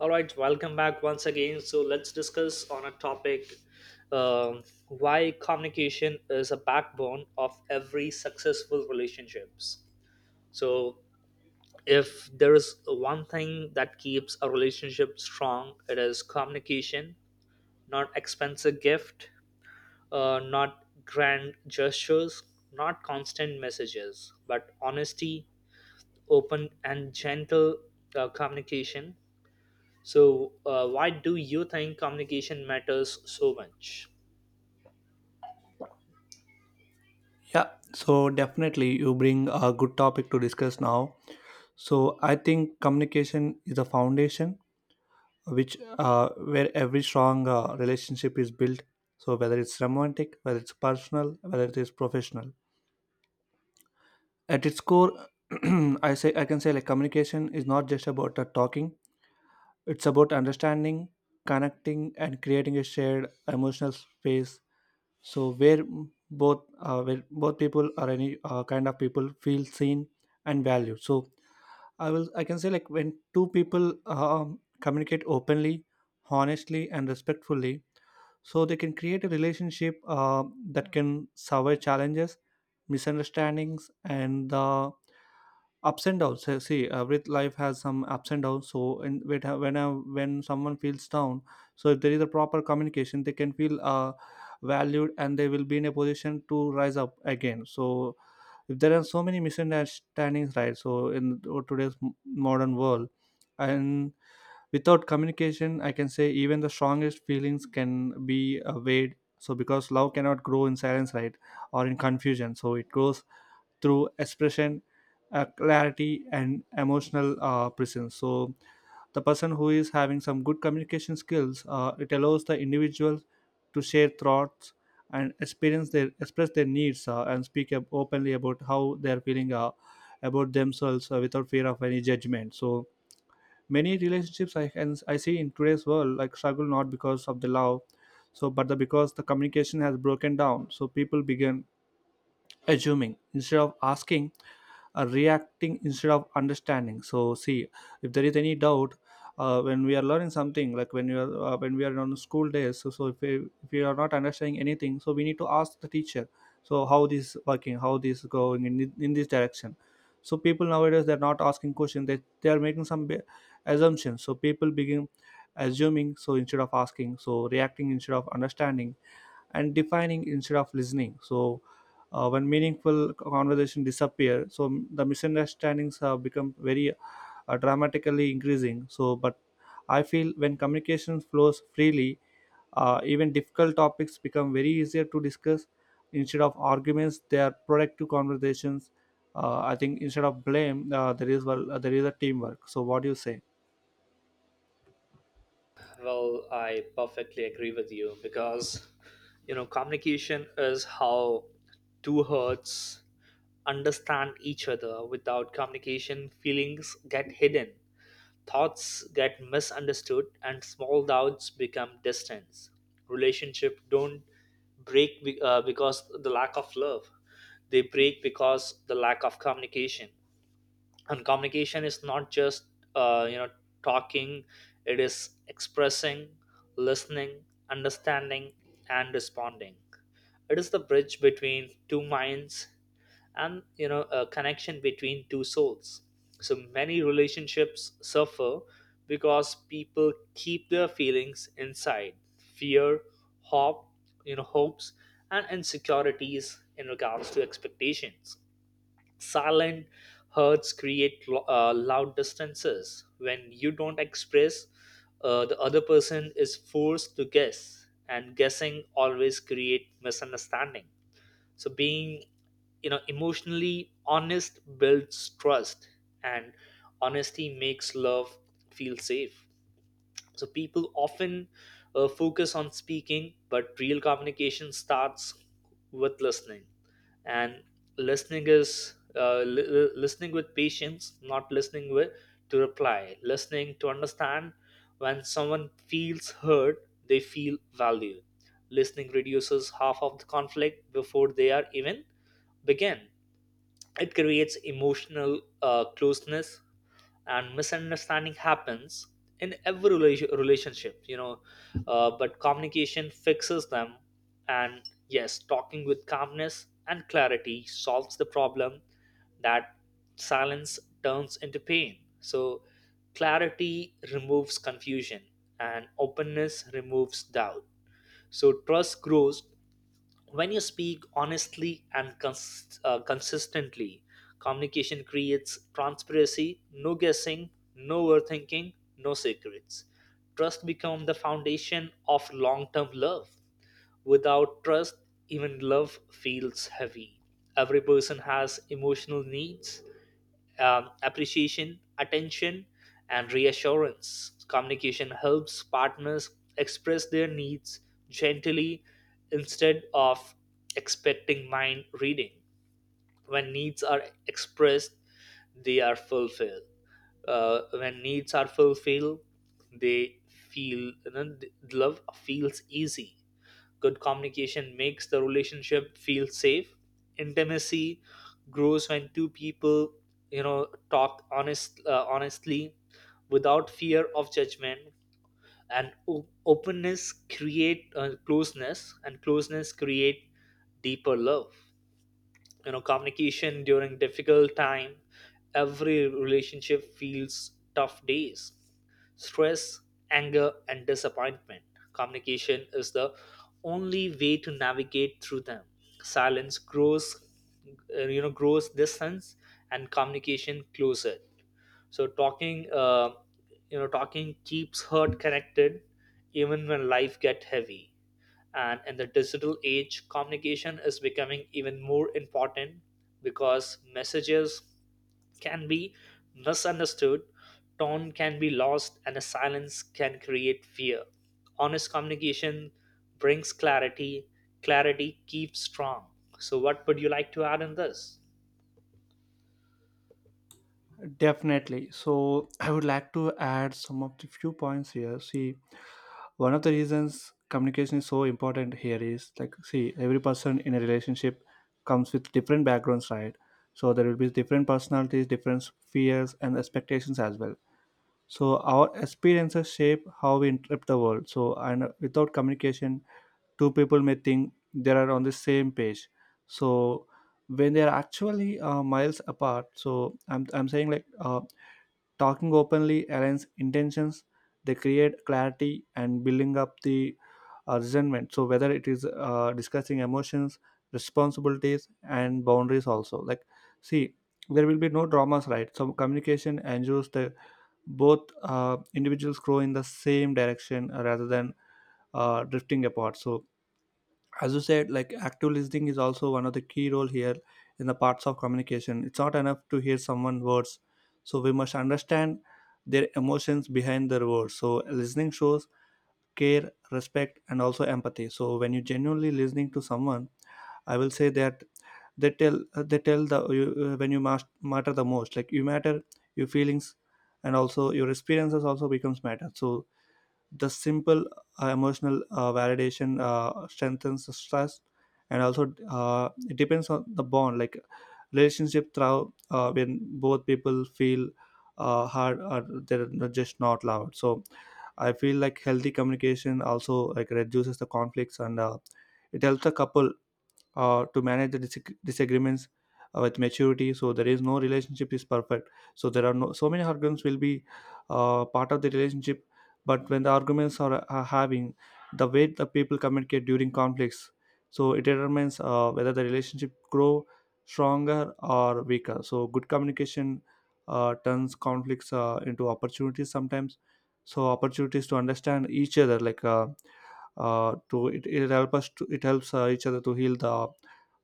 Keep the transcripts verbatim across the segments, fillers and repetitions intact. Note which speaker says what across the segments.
Speaker 1: All right, welcome back once again. So let's discuss on a topic um, why communication is a backbone of every successful relationships. So if there is one thing that keeps a relationship strong, it is communication. Not expensive gift, uh, not grand gestures, not constant messages, but honesty, open and gentle uh, communication. So, uh, why do you think communication matters so much?
Speaker 2: Yeah, so definitely you bring a good topic to discuss now. So I think communication is a foundation which uh, where every strong uh, relationship is built. So whether it's romantic, whether it's personal, whether it is professional, at its core, I say I can say like communication is not just about uh, talking. It's about understanding, connecting, and creating a shared emotional space so where mm, both uh, where both people or any uh, kind of people feel seen and valued so i will i can say like when two people um, communicate openly, honestly and respectfully, so they can create a relationship uh, that can survive challenges, misunderstandings and the ups and downs. So, see uh, with life has some ups and downs so in with, uh, when I, when someone feels down, so if there is a proper communication they can feel uh, valued and they will be in a position to rise up again. So if there are so many misunderstandings, right? So in today's m- modern world, and without communication I can say even the strongest feelings can be uh, weighed, so because love cannot grow in silence, right? Or in confusion, so it grows through expression, uh, clarity and emotional uh, presence. So the person who is having some good communication skills uh, it allows the individual to share thoughts and experience their express their needs uh, and speak up openly about how they are feeling uh, about themselves uh, without fear of any judgment. So many relationships I can, I see in today's world like struggle not because of the love, so but the because the communication has broken down. So people begin assuming instead of asking uh, reacting instead of understanding. So see, if there is any doubt uh, when we are learning something, like when we are uh, when we are on school days so, so if, we, if we are not understanding anything, so we need to ask the teacher. So how this working, how this going in, in this direction. So people nowadays they're not asking questions, they, they are making some ba- assumptions. So people begin assuming, so instead of asking, so reacting instead of understanding, and defining instead of listening. So uh, when meaningful conversation disappear, so the misunderstandings have become very uh, dramatically increasing. So but I feel when communication flows freely, uh, even difficult topics become very easier to discuss. Instead of arguments they are productive conversations. uh, I think instead of blame uh, there is well there is a teamwork. So what do you say?
Speaker 1: Well, I perfectly agree with you because, you know, communication is how two hearts understand each other. Without communication, feelings get hidden, thoughts get misunderstood, and small doubts become distance. Relationship don't break be- uh, because the lack of love; they break because the lack of communication. And communication is not just uh, you know talking, it is expressing, listening, understanding, and responding. It is the bridge between two minds and, you know, a connection between two souls. So many relationships suffer because people keep their feelings inside: fear, hope, you know, hopes, and insecurities in regards to expectations. Silent herds create lo- uh, loud distances. When you don't express, uh, the other person is forced to guess, and guessing always create misunderstanding. So being, you know, emotionally honest builds trust, and honesty makes love feel safe. So people often uh, focus on speaking, but real communication starts with listening. And listening is uh, li- li- listening with patience, not listening with to reply, listening to understand. When someone feels heard, they feel valued. Listening reduces half of the conflict before they are even begin. It creates emotional uh, closeness, and misunderstanding happens in every rela- relationship, you know, uh, but communication fixes them. And yes, talking with calmness and clarity solves the problem that silence turns into pain. So clarity removes confusion and openness removes doubt. So trust grows when you speak honestly and cons- uh, consistently. Communication creates transparency: no guessing, no overthinking, no secrets. Trust becomes the foundation of long-term love. Without trust, even love feels heavy. Every person has emotional needs, um, appreciation, attention, and reassurance. Communication helps partners express their needs gently instead of expecting mind reading. When needs are expressed, they are fulfilled. Uh, when needs are fulfilled, they feel you know, th- love feels easy. Good communication makes the relationship feel safe. Intimacy grows when two people, you know, talk honest, uh, honestly, without fear of judgment. And o- openness create uh, closeness, and closeness create deeper love. You know, communication during difficult time, every relationship feels tough days: stress, anger, and disappointment. Communication is the only way to navigate through them. Silence grows, uh, you know, grows distance, and communication closer. So talking, uh, you know, talking keeps heart connected even when life get heavy. And in the digital age, communication is becoming even more important because messages can be misunderstood, tone can be lost, and a silence can create fear. Honest communication brings clarity, clarity keeps strong. So what would you like to add in this?
Speaker 2: Definitely so. I would like to add some of the few points here. See, one of the reasons communication is so important here is like, see, every person in a relationship comes with different backgrounds, right? So there will be different personalities, different fears and expectations as well. So our experiences shape how we interpret the world. So and without communication, two people may think they are on the same page, so when they are actually uh, miles apart. So i'm, I'm saying like uh, talking openly aligns intentions, they create clarity and building up the uh, resentment. So whether it is uh, discussing emotions, responsibilities, and boundaries also. Like, see, there will be no dramas, right? So communication ensures that both uh, individuals grow in the same direction uh, rather than uh, drifting apart. So as you said, like active listening is also one of the key role here in the parts of communication. It's not enough to hear someone's words, so we must understand their emotions behind their words. So listening shows care, respect and also empathy. So when you genuinely listening to someone, I will say that they tell they tell the you, uh, when you must matter the most, like you matter, your feelings and also your experiences also becomes matter. So the simple uh, emotional uh, validation uh, strengthens the trust, and also uh, it depends on the bond like relationship through uh, when both people feel uh, hard or they're not- just not loud. So I feel like healthy communication also like reduces the conflicts, and uh, it helps the couple uh, to manage the disag- disagreements uh, with maturity. So there is no relationship is perfect, so there are no so many arguments will be uh, part of the relationship. But when the arguments are, are having, the way the people communicate during conflicts, so it determines uh, whether the relationship grow stronger or weaker. So good communication uh, turns conflicts uh, into opportunities sometimes, so opportunities to understand each other, like uh, uh, to it, it help us to it helps uh, each other to heal the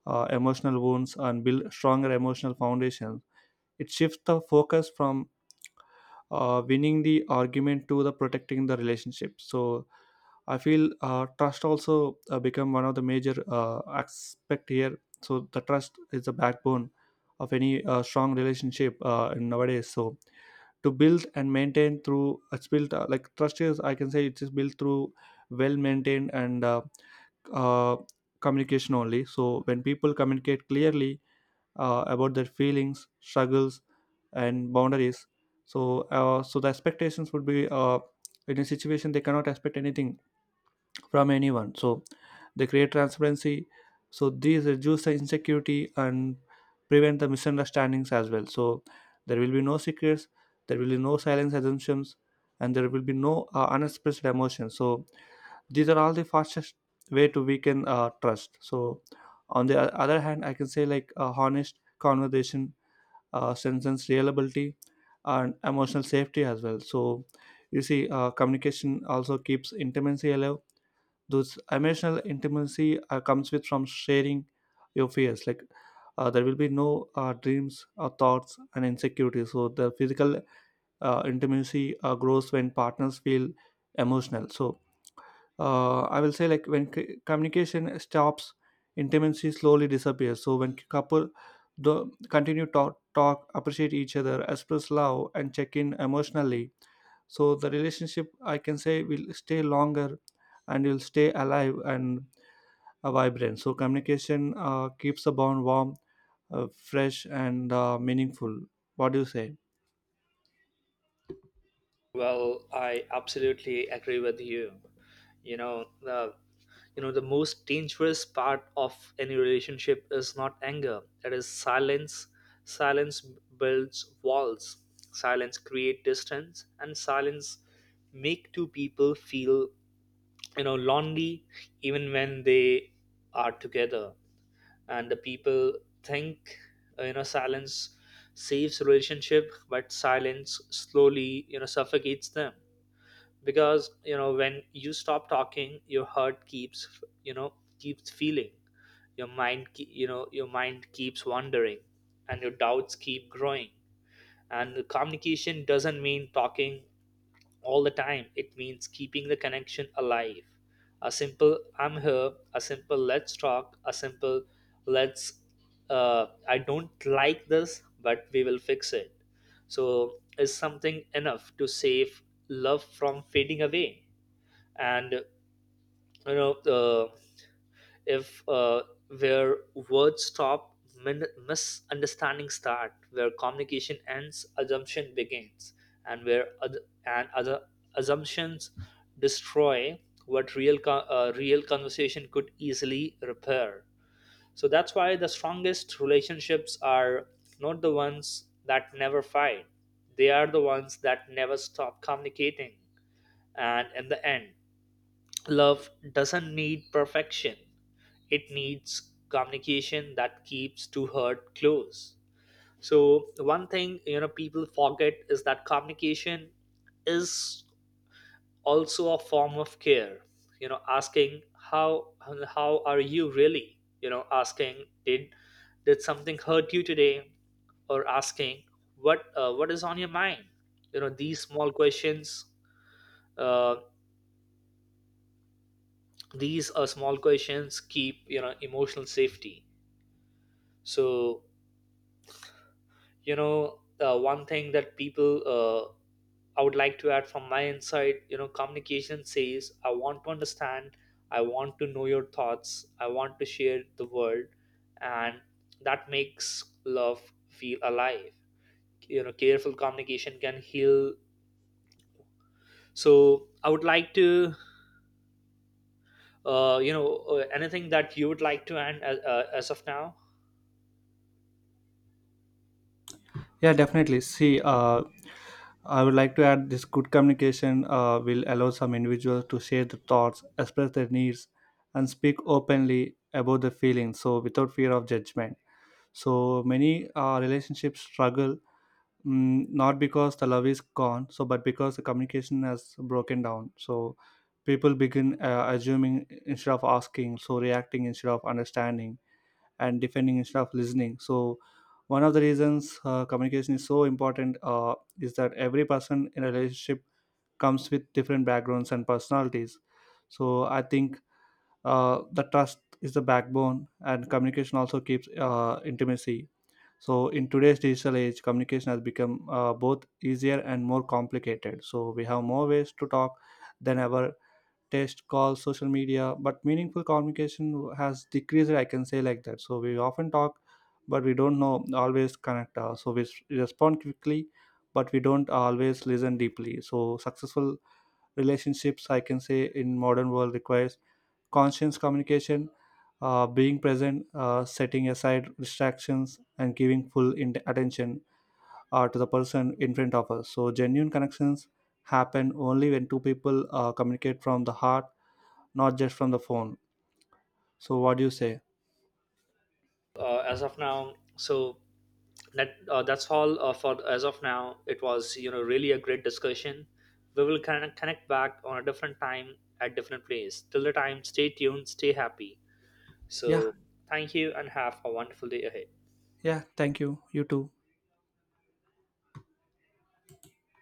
Speaker 2: uh, emotional wounds and build stronger emotional foundations. It shifts the focus from uh, winning the argument to the protecting the relationship. So I feel uh, trust also uh, become one of the major uh, aspect here. So the trust is the backbone of any uh, strong relationship uh, nowadays. So to build and maintain through it's built uh, like trust is, I can say, it is built through well maintained and uh, uh, communication only. So when people communicate clearly uh, about their feelings, struggles, and boundaries, so uh, so the expectations would be uh, in a situation they cannot expect anything from anyone. So they create transparency. So these reduce the insecurity and prevent the misunderstandings as well. So there will be no secrets, there will be no silence assumptions, and there will be no uh, unexpressed emotions. So these are all the fastest way to weaken uh, trust. So on the o- other hand I can say like a honest conversation uh, strengthens reliability and emotional safety as well. So you see, uh, communication also keeps intimacy alive. Those emotional intimacy uh, comes with from sharing your fears, like uh, there will be no uh, dreams or thoughts and insecurities. So the physical uh, intimacy uh, grows when partners feel emotional. So uh, I will say like when c- communication stops, intimacy slowly disappears. So when couple the continue talk, talk, appreciate each other, express love, and check in emotionally, so the relationship I can say will stay longer, and will stay alive and uh, vibrant. So communication uh, keeps the bond warm, uh, fresh, and uh, meaningful. What do you say?
Speaker 1: Well, I absolutely agree with you. You know, the you know, the most dangerous part of any relationship is not anger. It is silence. Silence builds walls. Silence create distance, and silence make two people feel, you know, lonely, even when they are together. And the people think, uh, you know, silence saves relationship, but silence slowly, you know, suffocates them. Because, you know, when you stop talking your heart keeps, you know, keeps feeling. Your mind ke- you know, your mind keeps wandering and your doubts keep growing. And communication doesn't mean talking all the time. It means keeping the connection alive. A simple I'm here, a simple let's talk, a simple let's uh, I don't like this, but we will fix it. So, is something enough to save love from fading away? And you know, uh, if uh, where words stop, min- misunderstandings start, where communication ends assumption begins, and where oth- and other assumptions destroy what real co- uh, real conversation could easily repair. So that's why the strongest relationships are not the ones that never fight, they are the ones that never stop communicating. And in the end, love doesn't need perfection, it needs communication that keeps two heart close. So one thing, you know, people forget is that communication is also a form of care. You know, asking how how are you really, you know, asking did did something hurt you today, or asking what uh, what is on your mind. You know, these small questions, uh, these are small questions keep, you know, emotional safety. So, you know, the one thing that people, uh, I would like to add from my insight, you know, communication says I want to understand, I want to know your thoughts, I want to share the world. And that makes love feel alive. You know, careful communication can heal. So I would like to, uh, you know uh, anything that you would like to add as, uh, as of now?
Speaker 2: Yeah, definitely. See, uh, I would like to add this good communication uh, will allow some individuals to share their thoughts, express their needs, and speak openly about their feelings. So, without fear of judgment. So, many uh, relationships struggle mm, not because the love is gone, so but because the communication has broken down. So, people begin uh, assuming instead of asking, so reacting instead of understanding and defending instead of listening. So one of the reasons uh, communication is so important uh, is that every person in a relationship comes with different backgrounds and personalities. So I think uh, the trust is the backbone and communication also keeps uh, intimacy. So in today's digital age communication has become uh, both easier and more complicated. So we have more ways to talk than ever, text calls social media, but meaningful communication has decreased, I can say like that. So we often talk but we don't know always connect, uh, so we s- respond quickly but we don't always listen deeply. So successful relationships I can say in modern world requires conscious communication, uh, being present, uh, setting aside distractions and giving full in- attention uh, to the person in front of us. So genuine connections happen only when two people uh, communicate from the heart, not just from the phone. So, what do you say?
Speaker 1: Uh, as of now, so that uh, that's all uh, for as of now. It was, you know, really a great discussion. We will connect, connect back on a different time, at different place. Till the time, stay tuned, stay happy.
Speaker 2: Yeah,
Speaker 1: So thank you and have a wonderful day ahead.
Speaker 2: yeah, thank you. You too.